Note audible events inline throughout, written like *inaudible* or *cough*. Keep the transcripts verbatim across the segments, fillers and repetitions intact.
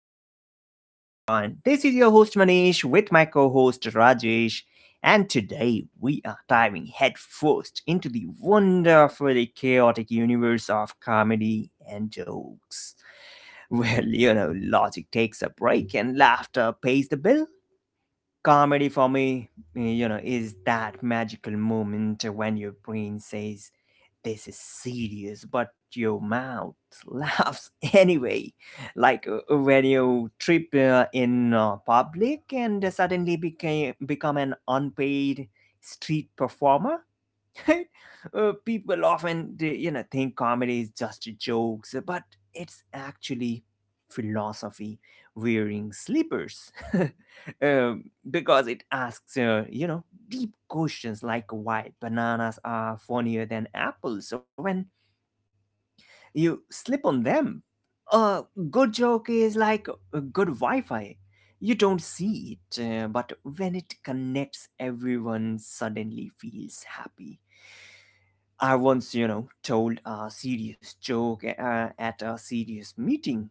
The Talking Pond. This is your host Manish with my co host Rajesh, and today we are diving headfirst into the wonderfully chaotic universe of comedy and jokes. *laughs* Well, you know, logic takes a break and laughter pays the bill. Comedy for me, you know, is that magical moment when your brain says, this is serious, but your mouth *laughs* laughs anyway. Like uh, uh, when you trip uh, in uh, public and suddenly became, become an unpaid street performer. *laughs* Uh, people often they, you know think comedy is just jokes, but it's actually philosophy wearing slippers. *laughs* Um, because it asks uh, you know deep questions like why bananas are funnier than apples when you slip on them. A good joke is like a good Wi-Fi. You don't see it, uh, but when it connects, everyone suddenly feels happy. I once, you know, told a serious joke uh, at a serious meeting,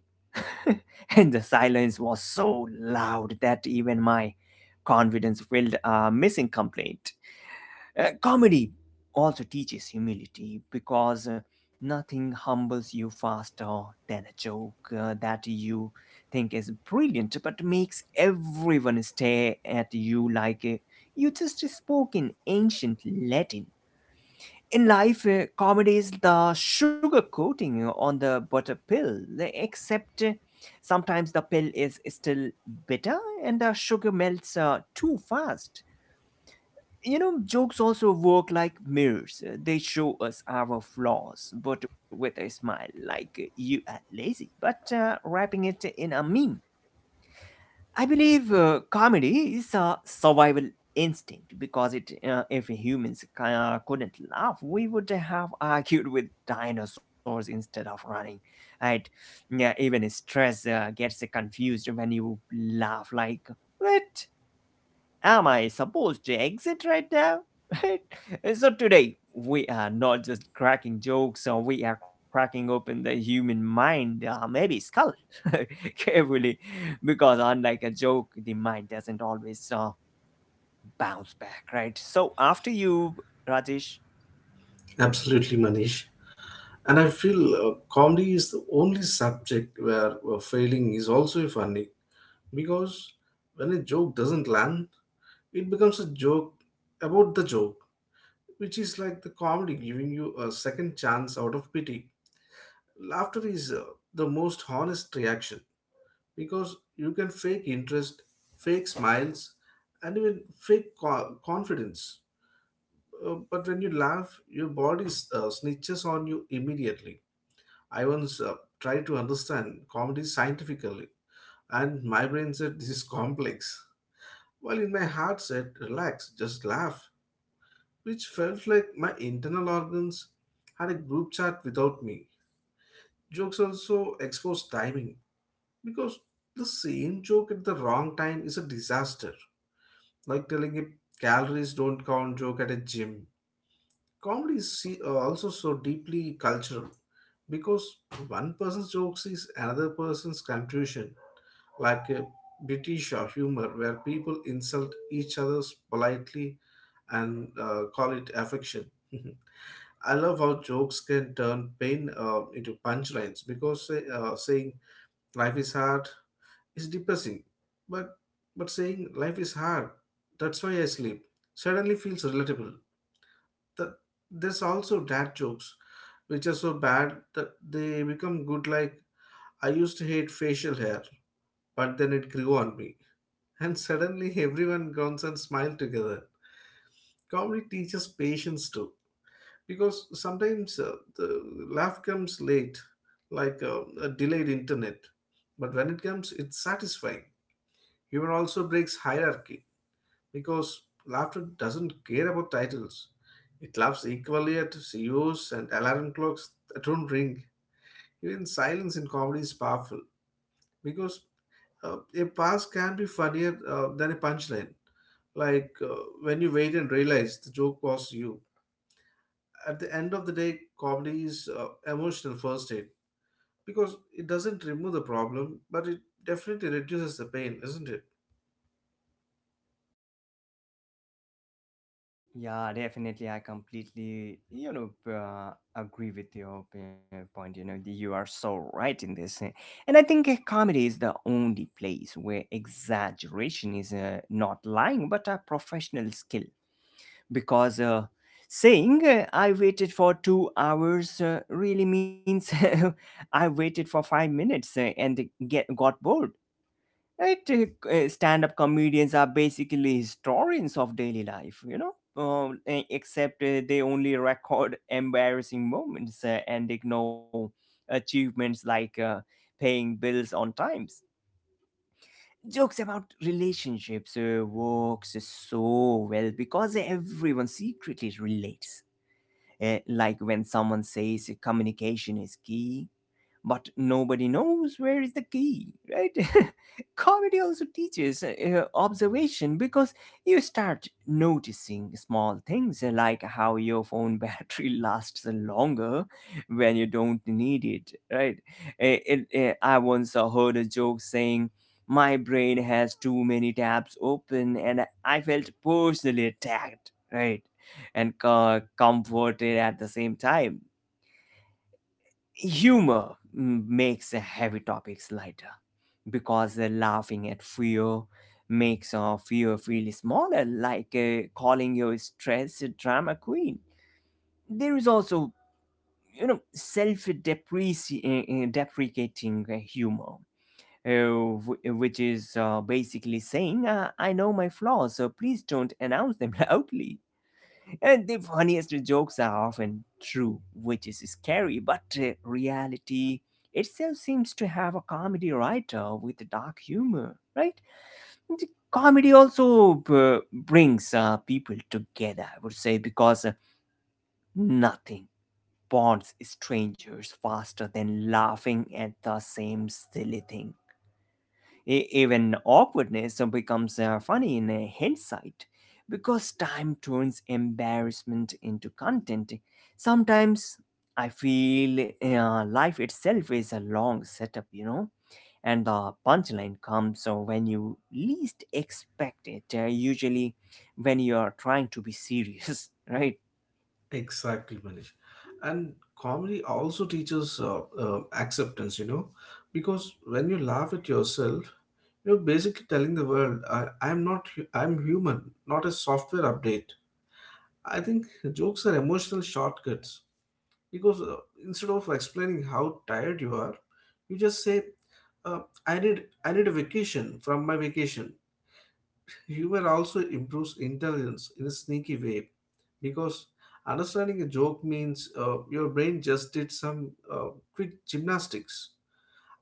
*laughs* and the silence was so loud that even my confidence filled a missing complaint. Uh, comedy also teaches humility because nothing humbles you faster than a joke uh, that you think is brilliant but makes everyone stare at you like uh, you just spoke in ancient Latin. In life, uh, comedy is the sugar coating on the butter pill, except uh, sometimes the pill is still bitter and the sugar melts uh, too fast. You know, jokes also work like mirrors. Uh, They show us our flaws, but with a smile, like uh, you are lazy, but uh, wrapping it in a meme. I believe uh, comedy is a survival instinct because it, uh, if humans c- uh, couldn't laugh, we would have *laughs* argued with dinosaurs instead of running. Right? Yeah, even stress uh, gets confused when you laugh like, what? Am I supposed to exit right now? *laughs* So today we are not just cracking jokes, uh, we are cracking open the human mind, uh, maybe skull, *laughs* carefully, because unlike a joke, the mind doesn't always uh, bounce back, right? So after you, Rajesh. Absolutely, Manish. And I feel uh, comedy is the only subject where uh, failing is also funny because when a joke doesn't land, it becomes a joke about the joke, which is like the comedy giving you a second chance out of pity. Laughter is uh, the most honest reaction because you can fake interest, fake smiles, and even fake co- confidence. Uh, but when you laugh, your body uh, snitches on you immediately. I once uh, tried to understand comedy scientifically, and my brain said this is complex, while in my heart said relax, just laugh, which felt like my internal organs had a group chat without me. Jokes also expose timing because the same joke at the wrong time is a disaster, like telling a calories don't count joke at a gym. Comedy is see- uh, also so deeply cultural because one person's jokes is another person's contribution, like a British uh, humor where people insult each other's politely and uh, call it affection. *laughs* I love how jokes can turn pain uh, into punchlines because say, uh, saying life is hard is depressing, but but saying life is hard, that's why I sleep, suddenly feels relatable. That There's also dad jokes, which are so bad that they become good. Like I used to hate facial hair, but then it grew on me, and suddenly everyone grunts and smiles together. Comedy teaches patience too, because sometimes uh, the laugh comes late, like uh, a delayed internet. But when it comes, it's satisfying. Humor also breaks hierarchy, because laughter doesn't care about titles. It laughs equally at C E Os and alarm clocks that don't ring. Even silence in comedy is powerful, because Uh, a pass can be funnier uh, than a punchline, like uh, when you wait and realize the joke was you. At the end of the day, comedy is uh, emotional first aid because it doesn't remove the problem, but it definitely reduces the pain, isn't it? Yeah, definitely. I completely, you know, uh, agree with your uh, point. You know, the- you are so right in this, eh. And I think uh, comedy is the only place where exaggeration is uh, not lying, but a professional skill. Because uh, saying uh, "I waited for two hours" uh, really means *laughs* I waited for five minutes uh, and get got bored. Right, uh, uh, stand-up comedians are basically historians of daily life, you know, uh, e- except uh, they only record *laughs* embarrassing moments uh, and ignore achievements like uh, paying bills on times. Jokes about relationships uh, works so well because everyone secretly relates. Uh, like when someone says communication is key, but nobody knows where is the key, right? *laughs* Comedy also teaches uh, observation because you start noticing small things uh, like how your phone battery *laughs* lasts longer when you don't need it, right? Eh, it- eh, I once uh, heard a joke saying, my brain has too many tabs open, and I felt personally attacked, right? And co- comforted at the same time. Humor mm, makes the heavy topics lighter because the laughing at fear makes our fear feel smaller, like uh, calling your stress a drama queen. There is also, you know, self deprecating uh, humor, uh, wh- which is uh, basically saying, uh, I know my flaws, so please don't announce them *laughs* loudly. And the funniest jokes are often true, which is scary, but uh, reality itself seems to have a comedy writer with dark humor, right? The Comedy also uh, brings uh, people together, I would say, because uh, nothing bonds strangers faster than laughing at the same silly thing. E- even awkwardness becomes uh, funny in uh, hindsight because time turns embarrassment into content. Sometimes I feel uh, life itself is a long setup, you know, and the punchline comes uh, when you least expect it, uh, usually when you are trying to be serious, *laughs* right? Exactly, Manish. And comedy also teaches uh, uh, acceptance, you know, because when you laugh at yourself, you're basically telling the world, I, I'm not, hu- I'm human, not a software update. I think jokes are emotional shortcuts because uh, instead of explaining how tired you are, you just say, uh, "I need I need a vacation from my vacation." Humor also improves intelligence in a sneaky way because understanding a joke means uh, your brain just did some uh, quick gymnastics.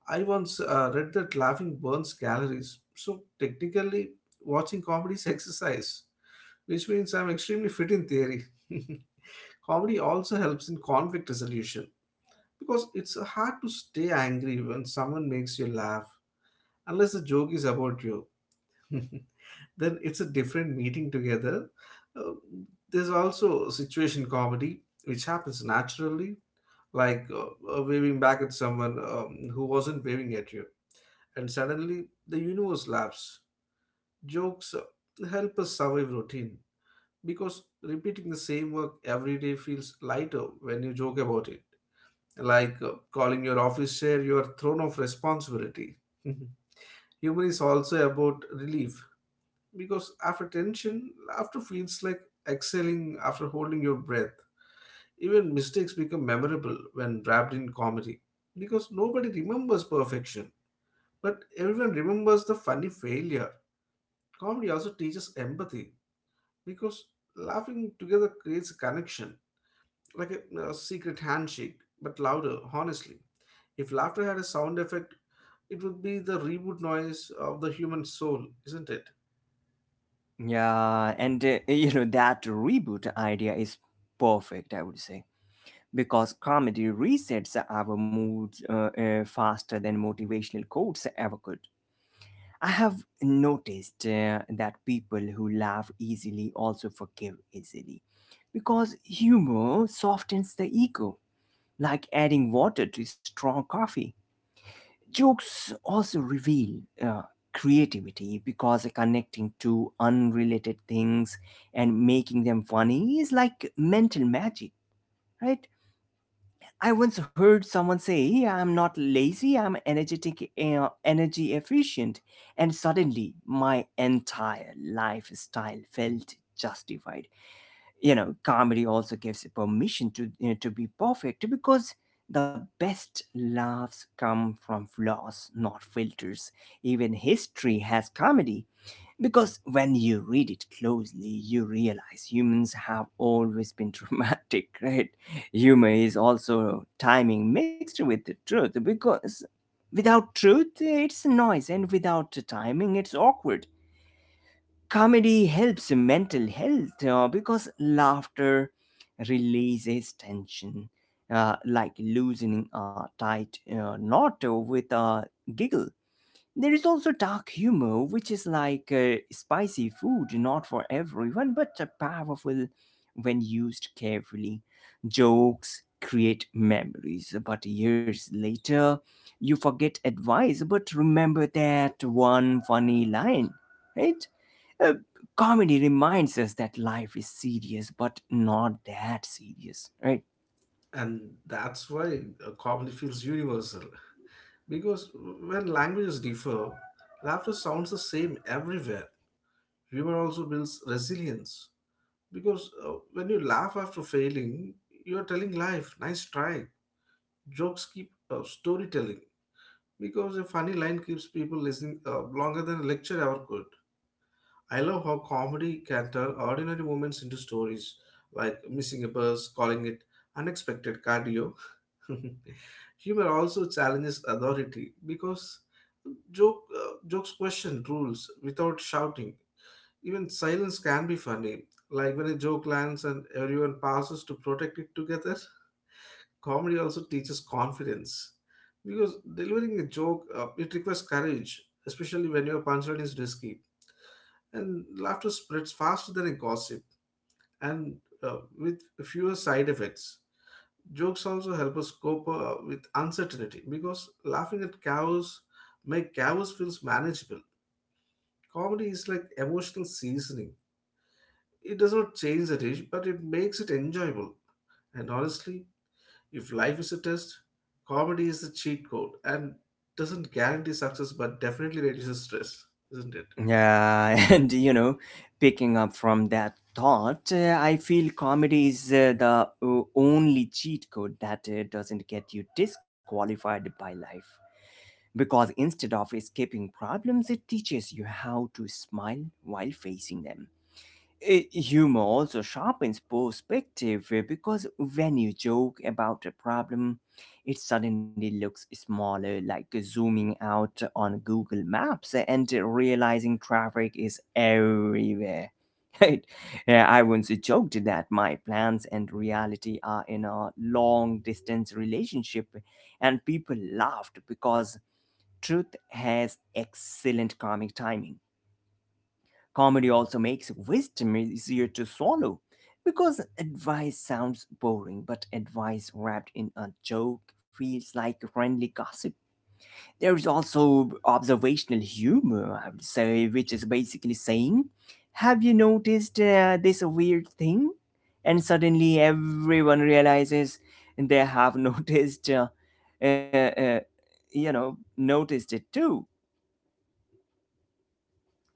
I once uh, read that laughing burns calories, so technically, watching comedy is *laughs* exercise, which means I'm extremely fit in theory. *laughs* Comedy also helps in conflict resolution because it's hard to stay angry when someone makes you laugh unless the joke is about you. *laughs* Then it's a different meeting together. Uh, there's also situation comedy which happens naturally, like uh, uh, waving back at someone um, who wasn't waving at you, and suddenly the universe laughs. Jokes uh, help us survive routine because repeating the same work every day feels lighter when you joke about it, like uh, calling your office chair your throne of responsibility. *laughs* Humor is also about relief because after tension, laughter feels like exhaling after holding your breath. Even mistakes become memorable when wrapped in comedy because nobody remembers perfection, but everyone remembers the funny failure. Comedy also teaches empathy because laughing together creates a connection, like a, a secret handshake, but louder, honestly. If laughter had a sound effect, it would be the reboot noise of the human soul, isn't it? Yeah, and uh, you know, that reboot idea is perfect, I would say, because comedy resets our moods uh, uh, faster than motivational quotes ever could. I have noticed uh, that people who laugh easily also forgive easily because humor softens the ego, like adding water to strong coffee. Jokes also reveal uh, creativity because connecting two unrelated things and making them funny is like mental magic, right? I once heard someone say, I'm not lazy, I'm energetic, uh, energy efficient. And suddenly, my entire lifestyle felt justified. You know, comedy also gives permission to, you know, to be perfect because the best laughs come from flaws, not filters. Even history has comedy because when you read it closely, you realize humans have always been dramatic, *laughs* right? Humor is also timing mixed with the truth because without truth, it's noise, and without the timing, it's awkward. Comedy helps mental health uh, because laughter releases tension, uh, like loosening a tight uh, knot with a giggle. There is also dark humor, which is like uh, spicy food, not for everyone, but uh, powerful when used carefully. Jokes create memories, but years later, you forget advice but remember that one funny line, right? Uh, Comedy reminds us that life is serious, but not that serious, right? And that's why uh, comedy feels universal. Because when languages differ, laughter sounds the same everywhere. Humor also builds resilience. Because uh, when you laugh after failing, you're telling life, nice try. Jokes keep uh, storytelling, because a funny line keeps people listening uh, longer than a lecture ever could. I love how comedy can turn ordinary moments into stories, like missing a bus, calling it unexpected cardio. *laughs* Humor also challenges authority because joke uh, jokes question rules without shouting. Even silence can be funny, like when a joke lands and everyone passes to protect it together. *laughs* Comedy also teaches confidence because delivering a joke uh, it requires courage, especially when your punchline is risky, and laughter spreads faster than a gossip, and uh, with fewer side effects. Jokes also help us cope uh, with uncertainty because laughing at chaos make chaos feels manageable. Comedy is like emotional seasoning. It does not change the dish, but it makes it enjoyable. And honestly, if life is a test, comedy is the cheat code, and doesn't guarantee success but definitely reduces stress, isn't it? Yeah, *laughs* and you know, picking up from that thought, uh, I feel comedy is uh, the o- only cheat code that uh, doesn't get you disqualified by life. Because instead of escaping problems, it teaches you how to smile while facing them. Eh, humor also sharpens perspective, eh, because when you joke about a problem, it suddenly looks smaller, like zooming out on Google Maps, eh, and realizing traffic is everywhere. *laughs* Right? Yeah, I once joked that my plans and reality are in a long distance relationship, and people laughed because truth has excellent comic timing. Comedy also makes wisdom easier to swallow because advice sounds boring, but advice wrapped in a joke feels like friendly gossip. There is also observational humor, I would say, which is basically saying, have you noticed uh, this weird thing? And suddenly everyone realizes they have *laughs* noticed, uh, uh, uh, you know, noticed it too.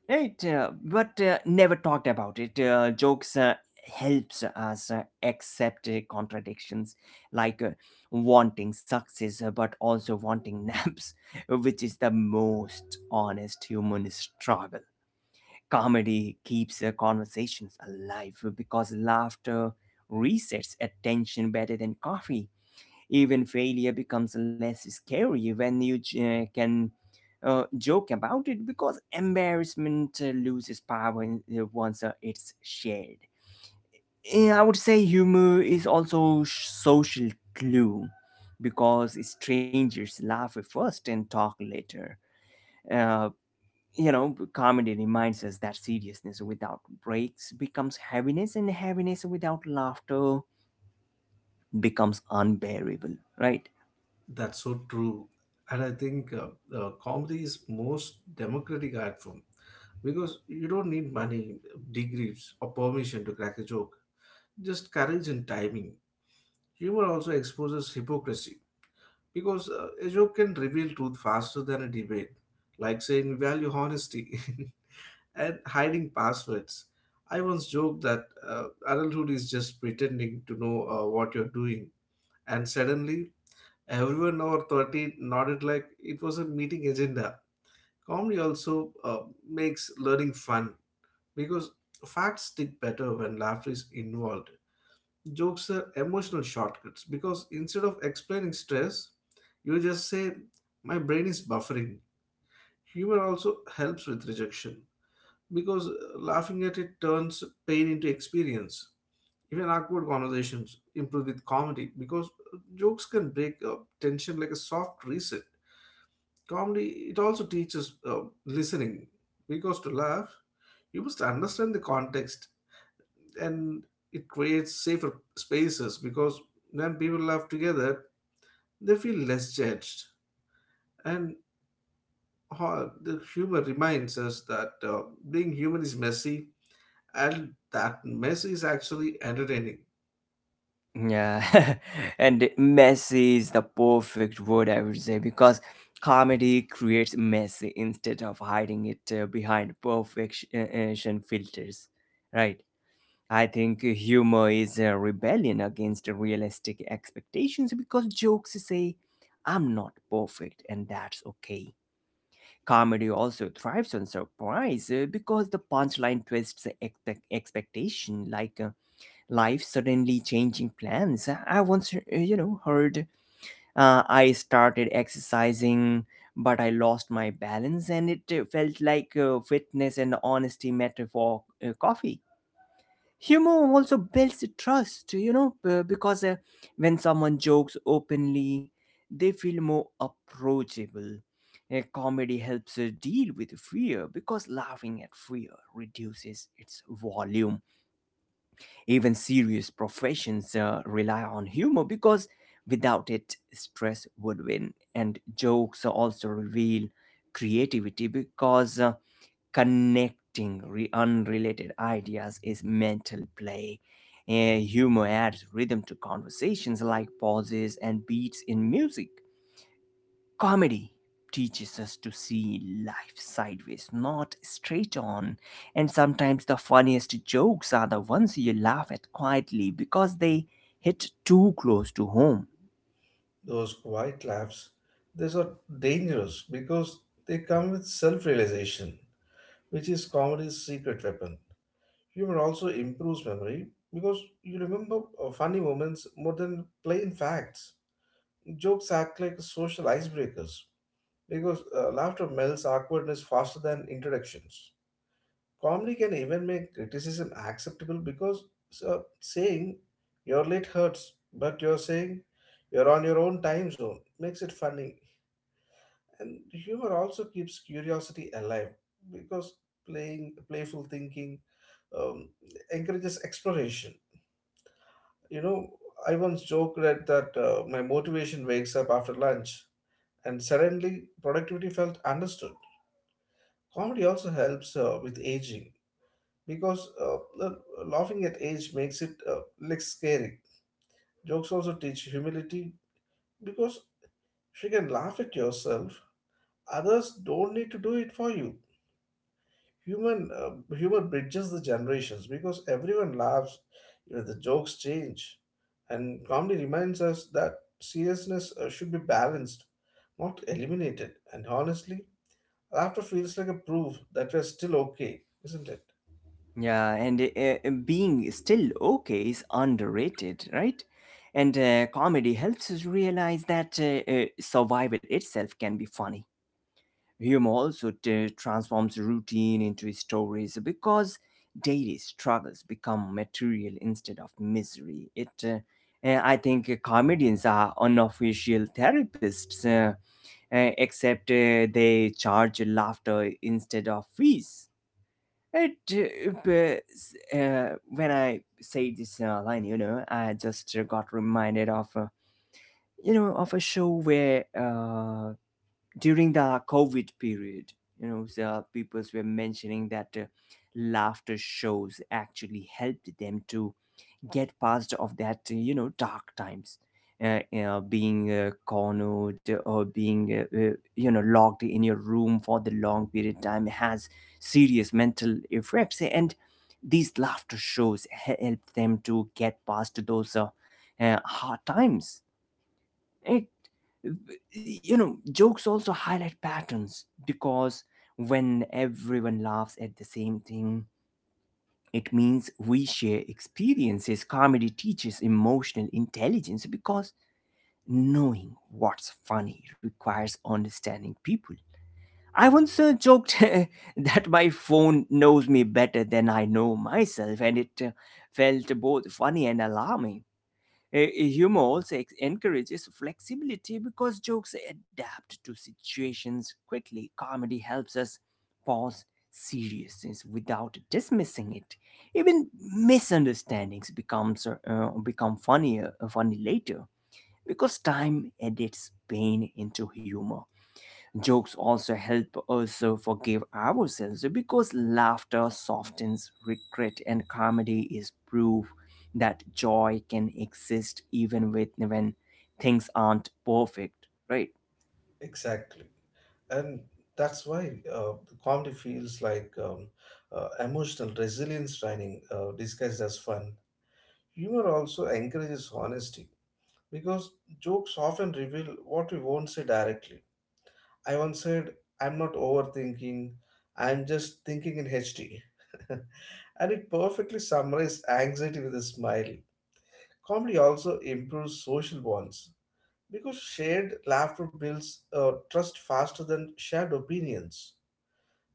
Right, uh, but uh, never talked about it. Uh, jokes uh, helps us uh, accept uh, contradictions, like uh, wanting success uh, but also wanting naps, *laughs* which is the most honest human struggle. Comedy keeps uh, conversations alive because laughter resets attention better than coffee. Even failure becomes less scary when you j- uh, can uh, joke about it because embarrassment uh, loses power in- uh, once uh, it's shared. Eh, I would say humor is also sh- social glue because strangers laugh first and talk later. Uh, you know, Comedy reminds us that seriousness without breaks becomes heaviness, and heaviness without laughter becomes unbearable, right? That's so true. And I think uh, uh, comedy is most democratic art form because you don't need money, degrees, or permission to crack a joke. Just courage and timing. Humor also exposes hypocrisy because uh, a joke can reveal truth faster than a debate, like saying we value honesty *laughs* and hiding passwords. I once joked that uh, adulthood is just pretending to know uh, what you're doing, and suddenly everyone over thirty nodded like it was a meeting agenda. Comedy also uh, makes learning fun because facts stick better when laughter is involved. Jokes are emotional shortcuts because instead of explaining stress, you just say, my brain is buffering. Humor also helps with rejection because uh, laughing at it turns pain into experience. Even awkward conversations improve with comedy because uh, jokes can break up tension like a soft reset. Comedy it also teaches uh, listening, because to laugh you must understand the context, and it creates safer spaces because when people laugh together they feel less judged, and ho- the humor reminds us that uh, being human is messy. And that mess is actually entertaining. Yeah, *laughs* and messy is the perfect word, I would say, because comedy creates mess instead of hiding it uh, behind perfection uh, uh, filters, right? I think humor is a rebellion against realistic expectations because jokes say, I'm not perfect, and that's okay. Comedy also thrives on surprise uh, because the punchline twists the expect- expectation, like uh, life suddenly changing plans. I once, uh, you know, heard, uh, I started exercising, but I lost my balance, and it uh, felt like uh, fitness and honesty matter for uh, coffee. Humor also builds trust, you know, b- because uh, when someone jokes openly, they feel more approachable. Uh, comedy helps uh, deal with fear because laughing at fear reduces its volume. Even serious professions uh, rely on humor because without it, stress would win. And jokes also reveal creativity because uh, connecting re- unrelated ideas is mental play. Eh, humor adds rhythm to conversations like pauses and beats in music. Comedy teaches us to see life sideways, not straight on. And sometimes the funniest jokes are the ones you laugh at quietly because they hit too close to home. Those quiet laughs, these are dangerous because they come with self realization, which is comedy's secret weapon. Humor also improves memory because you remember uh, funny moments more than plain facts. Jokes act like social icebreakers because uh, laughter melts awkwardness faster than introductions. Comedy can even make criticism acceptable because so, saying you're late hurts, but you're saying you're on your own time zone makes it funny. And humor also keeps curiosity alive because playing, playful thinking um, encourages exploration. You know, I once joked at that uh, my motivation wakes up after lunch, and suddenly productivity felt understood. Comedy also helps uh, with aging because uh, the- laughing at age makes it uh, like scary. Jokes also teach humility because you can laugh at yourself. Others don't need to do it for you. Human uh, Humor bridges the generations because everyone laughs. Even the jokes change, and comedy reminds us that seriousness uh, should be balanced, not eliminated. And honestly, laughter feels like a proof that we're still okay, isn't it? Yeah, and uh, uh, being still okay is underrated, right? And uh, comedy helps us realize that uh, uh, survival itself can be funny. Humor also t- transforms routine into stories because daily struggles become material instead of misery. It, uh, uh, I think, uh, comedians are unofficial therapists, uh, uh, except uh, they charge laughter instead of fees. It, uh, b- s- uh, when I say this uh, line, you know, I just uh, got reminded of, uh, you know, of a show where uh, during the COVID period, you know, the people were mentioning that uh, laughter shows actually helped them to get past of that, uh, you know, dark times. Uh, you know, being uh, cornered or being, uh, uh, you know, locked in your room for the long period time has serious mental effects. And these laughter shows he- help them to get past those uh, uh, hard times. You know jokes also highlight patterns because when everyone laughs at the same thing, it means we share experiences. Comedy teaches emotional intelligence because knowing what's funny requires understanding people. I once uh, joked *laughs* that my phone knows me better than I know myself, and it uh, felt both funny and alarming. Eh, eh, Humor also ex- encourages flexibility because jokes adapt to situations quickly. Comedy helps us pause seriousness without dismissing it. Even misunderstandings becomes uh, uh, become funnier uh, funny later because time edits pain into humor. Jokes also help us uh, forgive ourselves because laughter softens regret, and comedy is proof that joy can exist even with when things aren't perfect, right? Exactly. And that's why uh, comedy feels like um, uh, emotional resilience training uh, disguised as fun. Humor also encourages honesty because jokes often reveal what we won't say directly. I once said, I'm not overthinking, I'm just thinking in H D. *laughs* And it perfectly summarized anxiety with a smile. Comedy also improves social bonds because shared laughter builds uh, trust faster than shared opinions.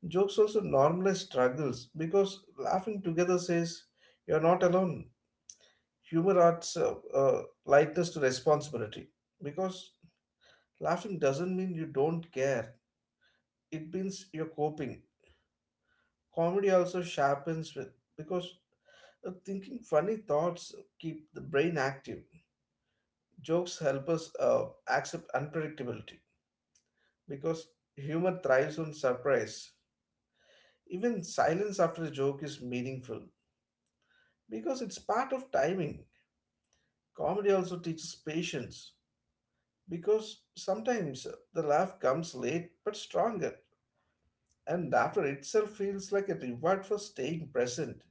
Jokes also normalize struggles because laughing together says you're not alone. Humor adds uh, uh, lightness to responsibility because laughing doesn't mean you don't care, it means you're coping. Comedy also sharpens with because uh, thinking funny thoughts keep the brain active. Jokes help us uh, accept unpredictability because humor thrives on surprise. Even silence after a joke is meaningful because it's part of timing. Comedy also teaches patience because sometimes uh, the laugh comes late but stronger, and laughter itself feels like a reward for staying present,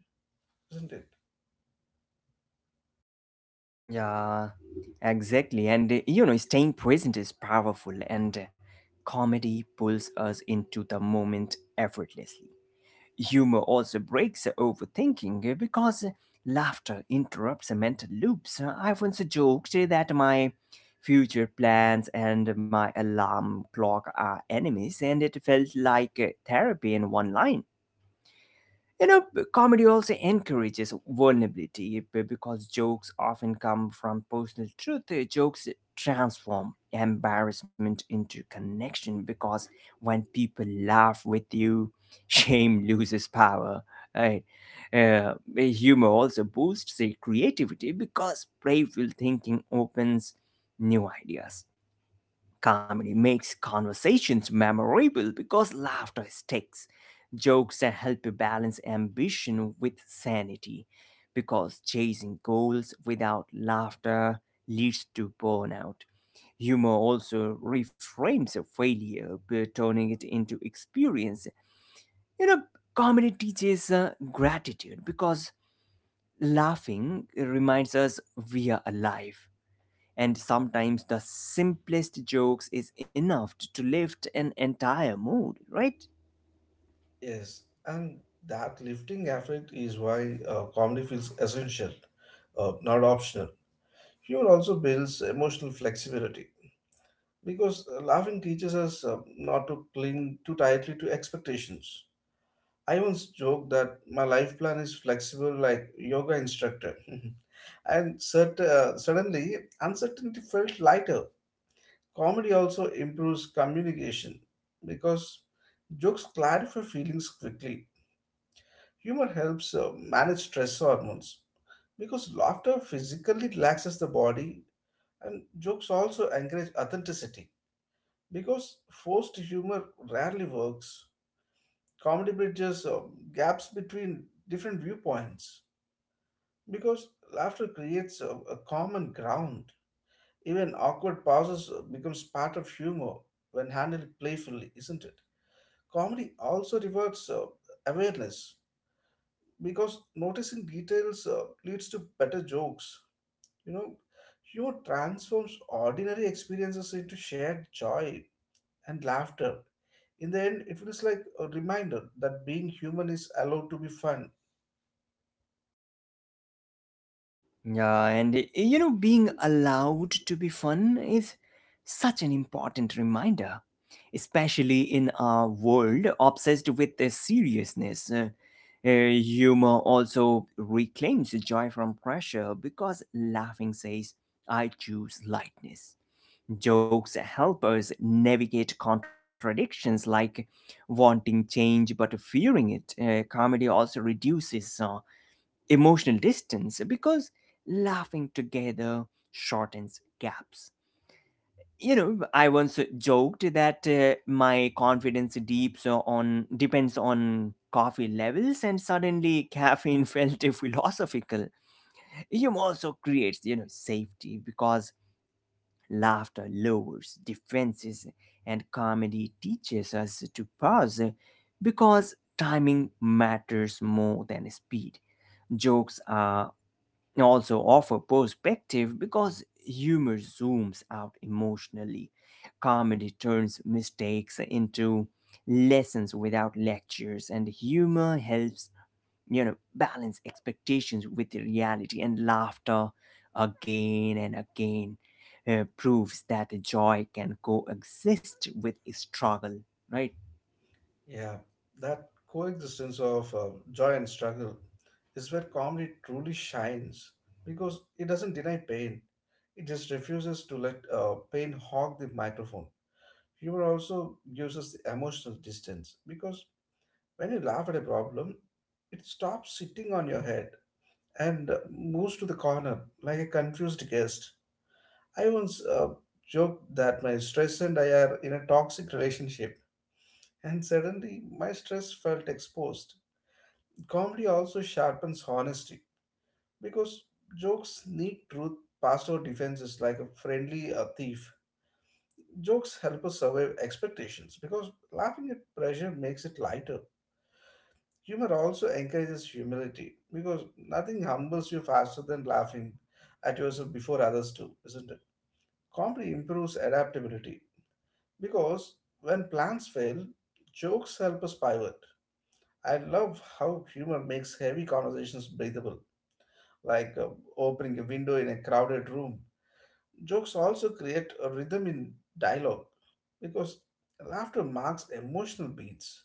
isn't it? Yeah, exactly. And uh, you know, staying present is powerful, and uh, comedy pulls us into the moment effortlessly. Humor also breaks the overthinking uh, because uh, laughter interrupts the mental loops. Uh, I once joked uh, that my future plans and my alarm clock are enemies, and it felt like uh, therapy in one line. You know, b- comedy also encourages vulnerability eh, b- because jokes often come from personal truth. Uh, Jokes transform embarrassment into connection because when people laugh with you, *laughs* shame loses power. Right? Uh, eh, Humor also boosts the creativity because playful thinking opens new ideas. Comedy makes conversations memorable because laughter sticks. Jokes that help you balance ambition with sanity because chasing goals without laughter leads to burnout. Humor also reframes a failure by turning it into experience. You know, Comedy teaches uh, gratitude because laughing reminds us we are alive. And sometimes the simplest jokes is enough t- to lift an entire mood, right? Yes, and that lifting effect is why uh, comedy feels essential, uh, not optional. Humor also builds emotional flexibility because uh, laughing teaches us uh, not to cling too tightly to expectations. I once joked that my life plan is flexible like yoga instructor *laughs* and cert- uh, suddenly uncertainty felt lighter. Comedy also improves communication because jokes clarify feelings quickly. Humor helps uh, manage stress hormones because laughter physically relaxes the body, and jokes also encourage authenticity because forced humor rarely works. Comedy bridges uh, gaps between different viewpoints because laughter creates a a common ground. Even awkward pauses becomes part of humor when handled playfully, isn't it? Comedy also rewards uh, awareness because noticing details uh, leads to better jokes. You know, humor transforms ordinary experiences into shared joy and laughter. In the end, it feels like a reminder that being human is allowed to be fun. Yeah, and uh, you know, being allowed to be fun is such an important reminder, especially in a world obsessed with the seriousness. Uh, uh, humor also reclaims joy from pressure because laughing says, "I choose lightness." Jokes help us navigate contradictions like wanting change but fearing it. Uh, comedy also reduces uh, emotional distance because laughing together shortens gaps. You know, I once joked that uh, my confidence deeps uh, on depends on coffee levels, and suddenly caffeine *laughs* felt philosophical. Humor also creates, you know, safety because laughter lowers defenses, and comedy teaches us to pause because timing matters more than speed. Jokes are also offer perspective because humor zooms out emotionally. Comedy turns mistakes into lessons without lectures, and humor helps you know balance expectations with the reality, and laughter again and again uh, proves that joy can coexist with struggle, right? Yeah, that coexistence of uh, joy and struggle is where comedy truly shines because it doesn't deny pain. It just refuses to let uh, pain hog the microphone. Humor also gives us the emotional distance because when you laugh at a problem, it stops sitting on your head and uh, moves to the corner like a confused guest. I once uh, joked that my stress and I are in a toxic relationship, and suddenly my stress felt exposed. Comedy also sharpens honesty because jokes sneak truth past our defenses like a friendly uh, thief. Jokes help us survive expectations because laughing at pressure makes it lighter. Humor also encourages humility because nothing humbles you faster than laughing at yourself before others do, isn't it? Comedy improves adaptability because when plans fail, jokes help us pivot. I love how humor makes heavy conversations breathable like uh, opening a window in a crowded room. Jokes also create a rhythm in dialogue because laughter marks emotional beats.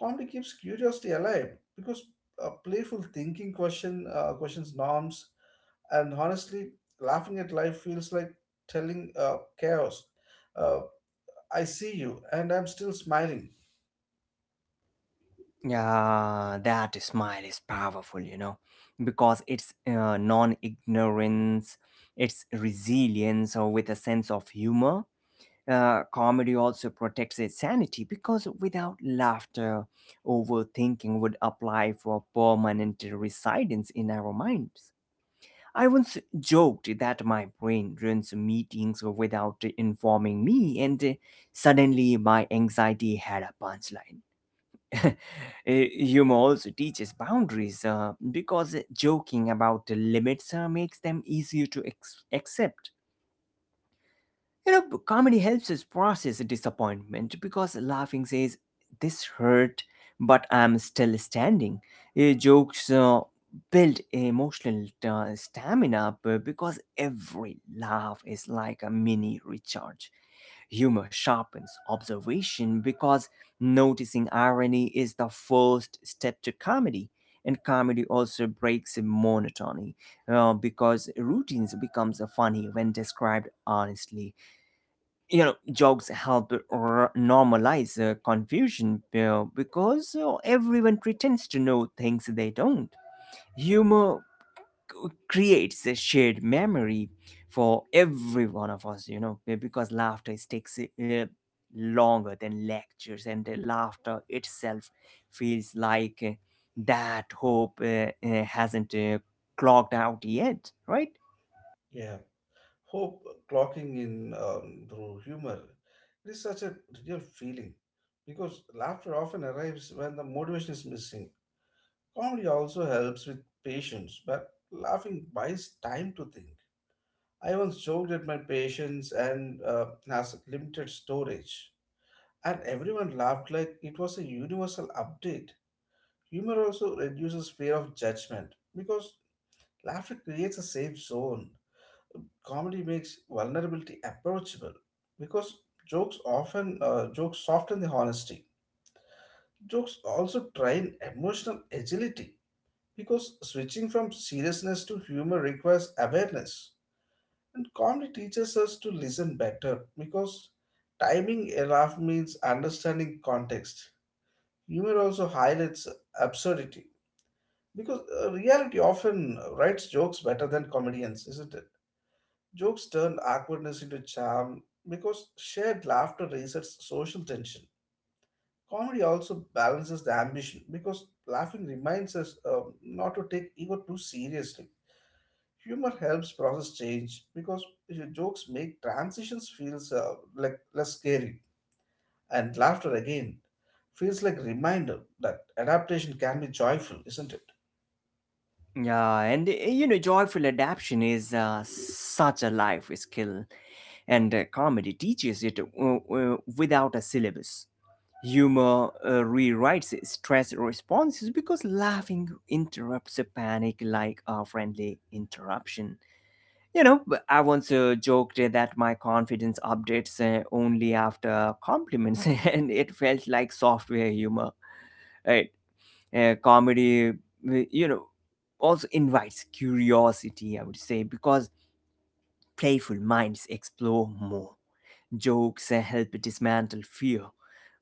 Comedy keeps curiosity alive because uh, playful thinking question uh, questions norms, and honestly, laughing at life feels like telling uh, chaos, uh, "I see you, and I'm still smiling." Yeah, that smile is powerful you know because it's uh, non-ignorance. It's resilience or with a sense of humor. Uh, comedy also protects its sanity because without laughter, overthinking would apply for permanent residence in our minds. I once joked that my brain runs meetings without informing me, and uh, suddenly my anxiety had a punchline. *laughs* Eh, Humor also teaches boundaries uh, because joking about the limits uh, makes them easier to ex- accept. You know, Comedy helps us process disappointment because laughing says, "This hurt, but I'm still standing." Uh, jokes uh, build emotional uh, stamina b- because every laugh is like a mini recharge. Humor sharpens observation because noticing irony is the first step to comedy. And comedy also breaks monotony uh, because routines becomes funny when described honestly. You know jokes help r- normalize uh, confusion uh, because uh, everyone pretends to know things they don't. Humor c- creates a shared memory for every one of us you know be- because laughter sticks uh, longer than lectures, and the laughter itself feels like uh, that hope uh, uh, hasn't uh, clogged out yet, right? Yeah. Hope clocking in um, through humor, it is such a real feeling because laughter often arrives when the motivation is missing. Comedy also helps with patience, but laughing buys time to think. I once joked at my patience and uh, has limited storage, and everyone laughed like it was a universal update. Humor also reduces fear of judgment because laughter creates a safe zone. Comedy makes vulnerability approachable because jokes often uh, jokes soften the honesty. Jokes also train emotional agility because switching from seriousness to humor requires awareness, and comedy teaches us to listen better because timing a laugh means understanding context. Humor also highlights absurdity because uh, reality often writes jokes better than comedians, isn't it? Jokes turn awkwardness into charm because shared laughter resets social tension. Comedy also balances the ambition because laughing reminds us um, not to take ego too seriously. Humor helps process change because your jokes make transitions feels uh, like less scary, and laughter again feels like a reminder that adaptation can be joyful, isn't it? Yeah, and uh, you know, joyful adaptation is uh, such a life skill, and uh, comedy teaches it uh, uh, without a syllabus. Humor uh, rewrites stress responses because laughing interrupts a panic like a friendly interruption. You know, b- I once uh, joked eh, that my confidence updates uh, only after compliments, *laughs* and it felt like software humor. Eh, uh, Comedy uh, you know also invites curiosity, I would say, because playful minds explore more. Jokes uh, help dismantle fear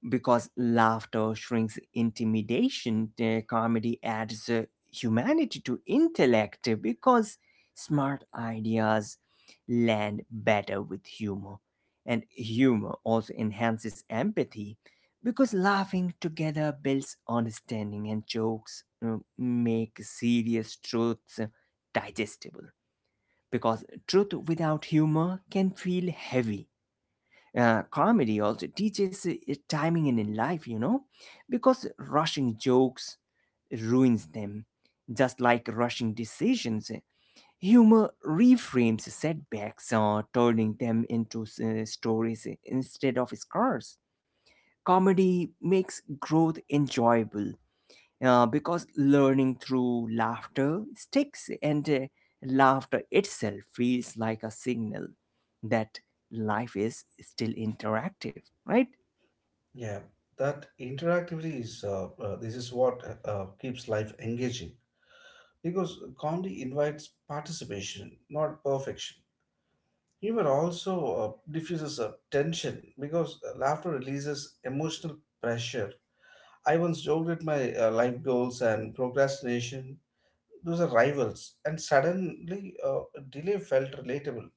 because laughter shrinks intimidation. Uh, comedy adds uh, humanity to intellect uh, because smart ideas land better with humor. And humor also enhances empathy because laughing together builds understanding, and jokes uh, make serious truths uh, digestible, because truth without humor can feel heavy. Uh, comedy also teaches uh, timing in life, you know, because rushing jokes ruins them, just like rushing decisions. uh, Humor reframes setbacks, uh, turning them into uh, stories instead of scars. Comedy makes growth enjoyable, uh, because learning through laughter sticks, and uh, laughter itself feels like a signal that life is still interactive, right? Yeah, that interactivity is uh, uh, this is what uh, uh, keeps life engaging, because comedy invites participation, not perfection. Humor also uh, diffuses uh, tension because uh, laughter releases emotional pressure. I once joked at my uh, life goals and procrastination. Those are rivals, and suddenly uh, delay felt relatable.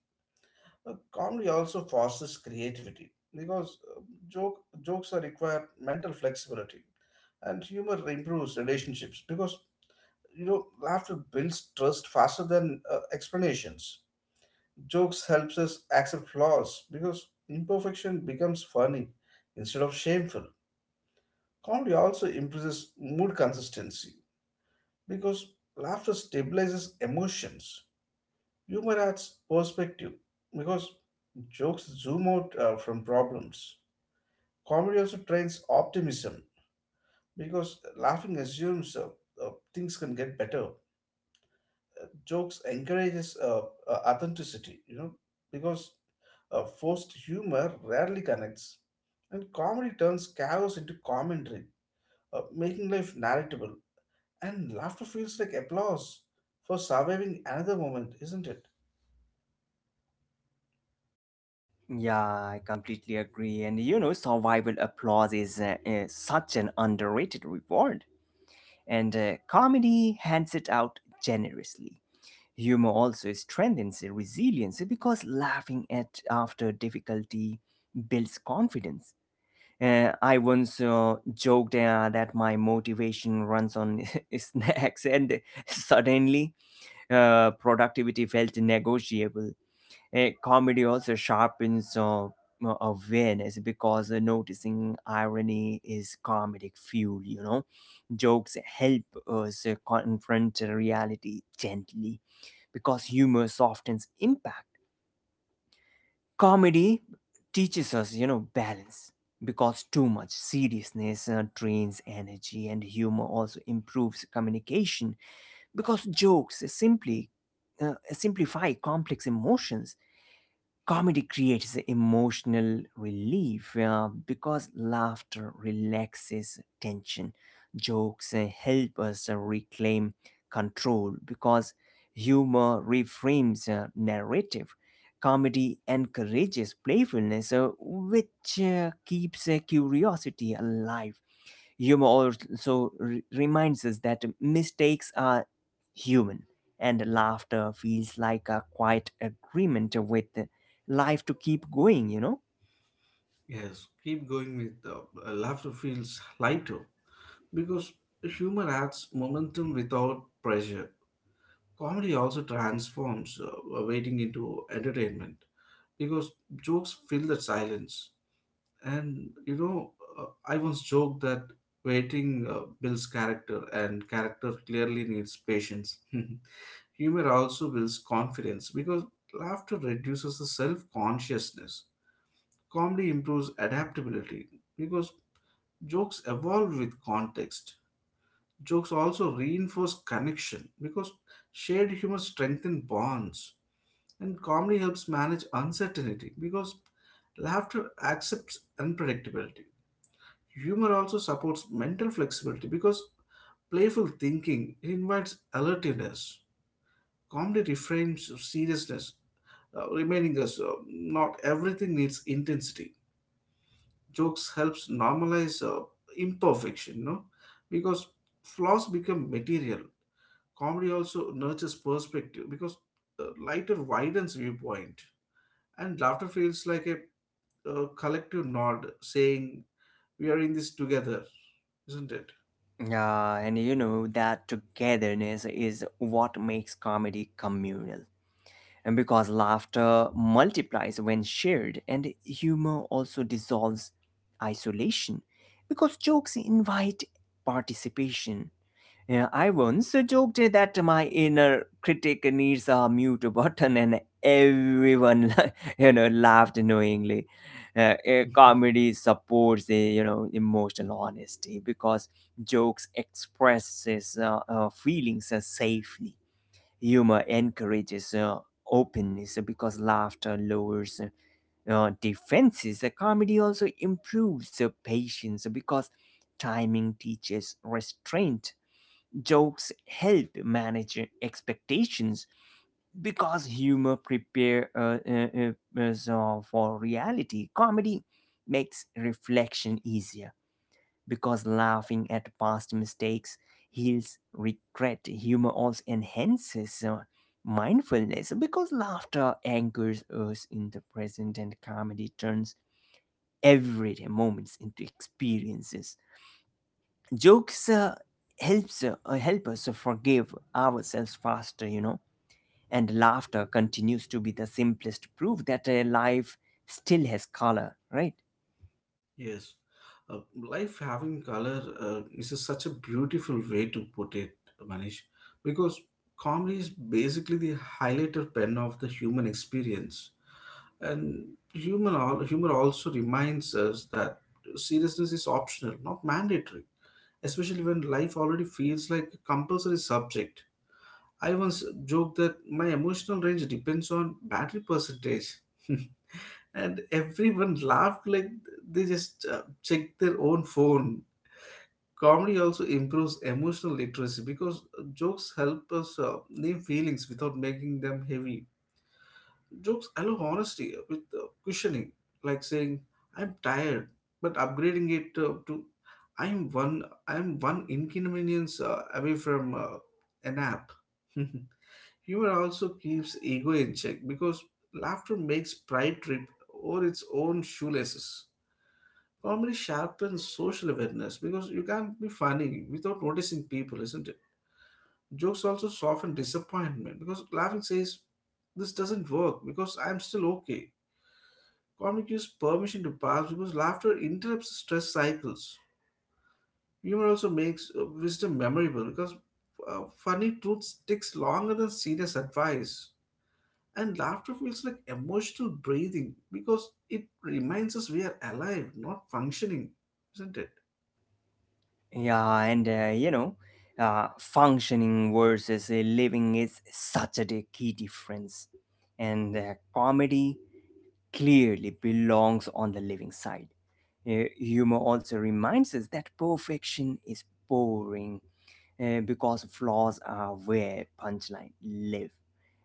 Uh, comedy also fosters creativity because uh, joke jokes are require mental flexibility, and humor improves relationships because you know laughter builds trust faster than uh, explanations. Jokes helps us accept flaws because imperfection becomes funny instead of shameful. Comedy also improves mood consistency because laughter stabilizes emotions. Humor adds perspective because jokes zoom out uh, from problems. Comedy also trains optimism because laughing assumes uh, uh, things can get better. Jokes encourages uh, uh, authenticity, you know, because uh, forced humor rarely connects, and comedy turns chaos into commentary, uh, making life narratable, and laughter feels like applause for surviving another moment, isn't it? Yeah, I completely agree. And you know survival applause is, uh, uh, such an underrated reward, and uh, comedy hands it out generously. Humor also strengthens resilience because laughing at after difficulty builds confidence. Uh, I once uh, joked uh, that my motivation runs on *laughs* snacks, and suddenly uh, productivity felt negotiable. Uh, comedy also sharpens uh, uh, awareness because uh, noticing irony is comedic fuel, you know. Jokes help us uh, confront reality gently because humor softens impact. Comedy teaches us you know balance because too much seriousness uh, drains energy, and humor also improves communication because jokes simply uh, simplify complex emotions. Comedy creates emotional relief uh, because laughter relaxes tension. Jokes uh, help us uh, reclaim control because humor reframes uh, narrative. Comedy encourages playfulness, uh, which uh, keeps uh, curiosity alive. Humor also re- reminds us that mistakes are human, and laughter feels like a quiet agreement with life to keep going, you know? Yes, keep going with uh, uh, laughter feels lighter because humor adds momentum without pressure. Comedy also transforms uh, waiting into entertainment because jokes fill the silence. And you know, uh, I once joked that waiting uh, builds character, and character clearly needs patience. *laughs* Humor also builds confidence because laughter reduces the self consciousness. Comedy improves adaptability because jokes evolve with context. Jokes also reinforce connection because shared humor strengthens bonds. And comedy helps manage uncertainty because laughter accepts unpredictability. Humor also supports mental flexibility because playful thinking invites alertiveness. Comedy reframes seriousness, uh, reminding us uh, not everything needs intensity. Jokes helps normalize uh, imperfection, no? Because flaws become material. Comedy also nurtures perspective because uh, lighter widens viewpoint, and laughter feels like a uh, collective nod saying we are in this together, isn't it? Uh, and you know that togetherness is what makes comedy communal, And because laughter multiplies when shared, and humor also dissolves isolation, because jokes invite participation. Yeah, I once joked that my inner critic needs a mute *laughs* button, and everyone, *laughs* you know, laughed knowingly. Uh, eh, *laughs* comedy supports, eh, you know, emotional honesty because jokes expresses uh, uh, feelings uh, safely. Humor encourages uh, openness because laughter lowers uh, defenses. Uh, Comedy also improves uh, patience because timing teaches restraint. Jokes help manage expectations because humor prepares us uh, for reality. Comedy makes reflection easier because laughing at past mistakes heals regret. Humor also enhances uh, mindfulness because laughter anchors us in the present, and comedy turns everyday moments into experiences. Jokes uh, helps uh, uh, help us forgive ourselves faster, you know. And laughter continues to be the simplest proof that uh, life still has color, right? Yes, uh, life having color, uh, this is a- such a beautiful way to put it, Manish, because comedy is basically the highlighter pen of the human experience, and human al- humor also reminds us that seriousness is optional, not mandatory, especially when life already feels like a compulsory subject. I once joked that my emotional range depends on battery percentage. *laughs* And everyone laughed like they just uh, checked their own phone. Comedy also improves emotional literacy because jokes help us uh, name feelings without making them heavy. Jokes allow honesty with uh, cushioning, like saying "I'm tired," but upgrading it uh, to "I'm one I'm one inconvenience uh, away from uh, a nap." *laughs* Humor also keeps ego in check because laughter makes pride trip over its own shoelaces. Comedy sharpens social awareness because you can't be funny without noticing people, isn't it? Jokes also soften disappointment because laughing says, "This doesn't work because I'm still okay." Comedy gives permission to pass because laughter interrupts stress cycles. Humor also makes uh, wisdom memorable because uh, funny truth sticks longer than serious advice. And laughter feels like emotional breathing because it reminds us we are alive, not functioning, isn't it? Yeah, and uh, you know, uh, functioning versus uh, living is such a di- key difference. And uh, comedy clearly belongs on the living side. Uh, humor also reminds us that perfection is boring uh, because flaws are where punchline live.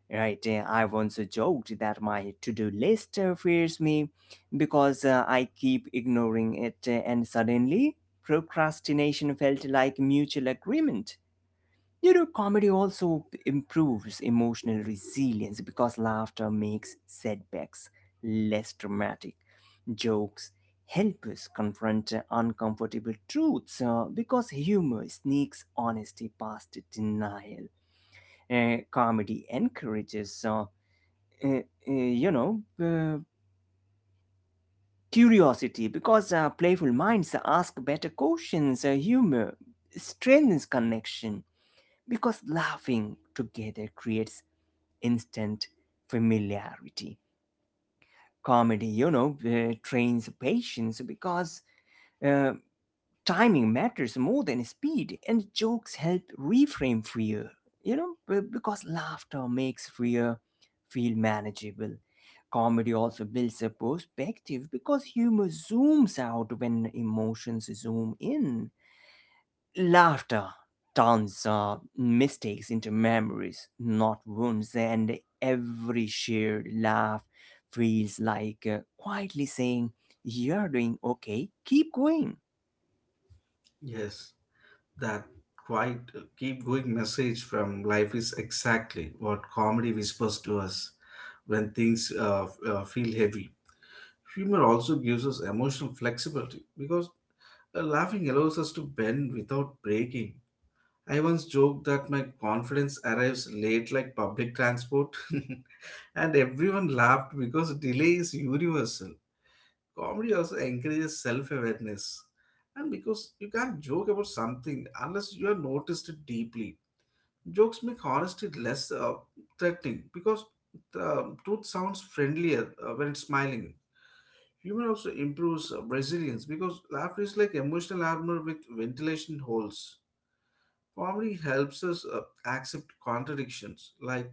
Right. Uh, I once joked that my to-do list uh, fears me because uh, I keep ignoring it, uh, and suddenly procrastination felt like mutual agreement. You know, comedy also improves emotional resilience because laughter makes setbacks less dramatic. Jokes help us confront uncomfortable truths uh, because humor sneaks honesty past denial. Uh, comedy encourages, uh, uh, uh, you know, uh, curiosity because uh, playful minds ask better questions. Uh, humor strengthens connection because laughing together creates instant familiarity. Comedy, you know, uh, trains patience because uh, timing matters more than speed, and jokes help reframe fear, you know, b- because laughter makes fear feel manageable. Comedy also builds a perspective because humor zooms out when emotions zoom in. Laughter turns uh, mistakes into memories, not wounds, and every shared laugh feels like uh, quietly saying, "You're doing okay, keep going." Yes, that quite uh, keep going message from life is exactly what comedy whispers to us when things uh, f- uh, feel heavy. Humor also gives us emotional flexibility because uh, laughing allows us to bend without breaking. I once joked that my confidence arrives late like public transport, *laughs* and everyone laughed because delay is universal. Comedy also encourages self awareness, and because you can't joke about something unless you have noticed it deeply. Jokes make honesty less uh, threatening because the truth sounds friendlier uh, when it's smiling. Humor also improves uh, resilience because laughter is like emotional armor with ventilation holes. Comedy helps us uh, accept contradictions, like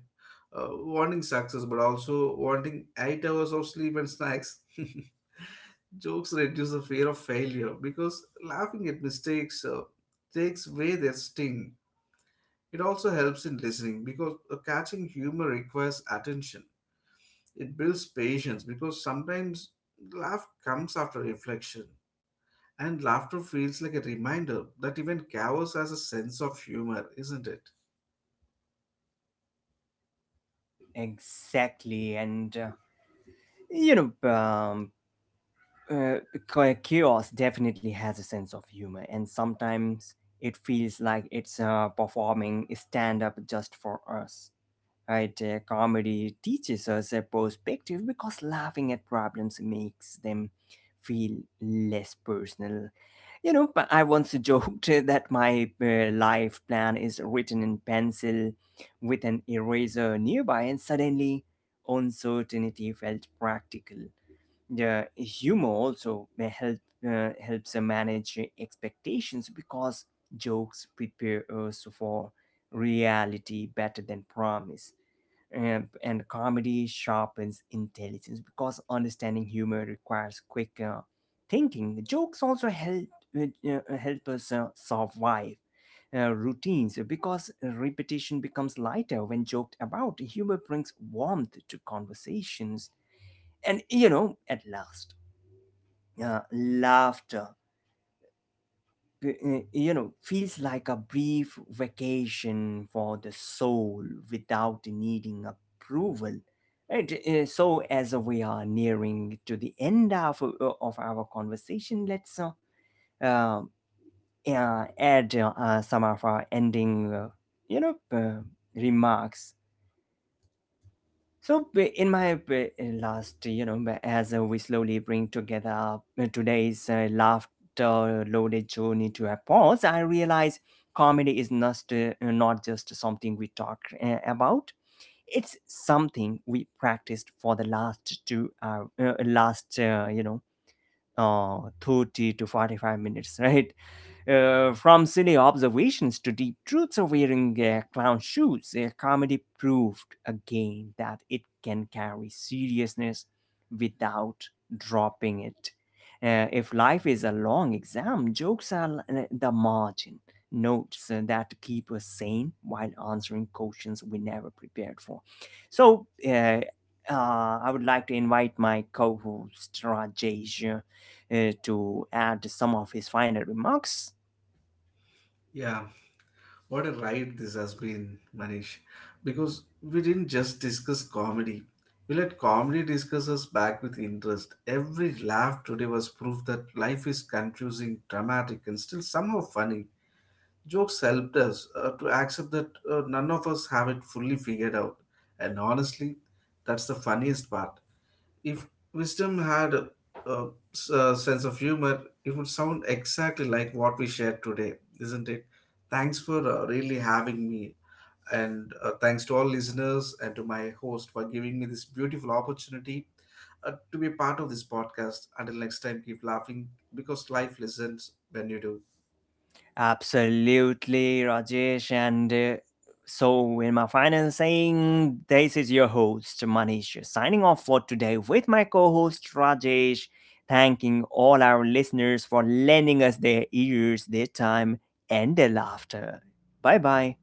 uh, wanting success but also wanting eight hours of sleep and snacks. *laughs* Jokes reduce the fear of failure because laughing at mistakes uh, takes away their sting. It also helps in listening because uh, catching humor requires attention. It builds patience because sometimes laugh comes after reflection. And laughter feels like a reminder that even chaos has a sense of humor, isn't it? Exactly. And uh, you know, um, uh, ki- chaos definitely has a sense of humor, and sometimes it feels like it's uh, performing stand up just for us. Right? Uh, comedy teaches us a perspective because laughing at problems makes them feel less personal. You know, but I once joked *laughs* that my uh, life plan is written in pencil with an eraser nearby, and suddenly uncertainty felt practical. The humor also may help uh, helps uh, manage expectations because jokes prepare us for reality better than promise, and, and comedy sharpens intelligence because understanding humor requires quick uh, thinking. Jokes also help uh, uh, help us uh, survive uh, routines because repetition becomes lighter when joked about. Humor brings warmth to conversations, and you know, at last, uh, laughter uh, you know feels like a brief vacation for the soul without needing approval, right? Uh, so, as we are nearing to the end of, uh, of our conversation, let's uh, uh, uh, add uh, uh, some of our ending uh, you know uh, remarks. So b- in my b- last, you know, b- As uh, we slowly bring together uh, today's uh, laughter-loaded journey to a pause, I realize comedy is not uh, not just something we talk uh, about. It's something we practiced for the last two hour, uh, last uh, you know, uh, thirty to forty-five minutes, *laughs* right? Uh, from silly observations to deep truths of wearing uh, clown shoes, uh, comedy proved again that it can carry seriousness without dropping it. Uh, if life is a long exam, jokes are l- uh, the margin notes uh, that keep us sane while answering questions we never prepared for. So, uh, uh, I would like to invite my co host Rajesh uh, uh, to add some of his final remarks. Yeah, what a ride this has been, Manish. Because we didn't just discuss comedy, we let comedy discuss us back with interest. Every laugh today was proof that life is confusing, dramatic, and still somehow funny. Jokes helped us uh, to accept that uh, none of us have it fully figured out. And honestly, that's the funniest part. If wisdom had a, a s- a sense of humor, it would sound exactly like what we shared today, isn't it? Thanks for uh, really having me. And uh, thanks to all listeners and to my host for giving me this beautiful opportunity uh, to be part of this podcast. Until next time, keep laughing because life listens when you do. Absolutely, Rajesh. And uh, so, in my final saying, this is your host, Manish, signing off for today with my co host, Rajesh, thanking all our listeners for lending us their ears, their time, and their laughter. Bye bye.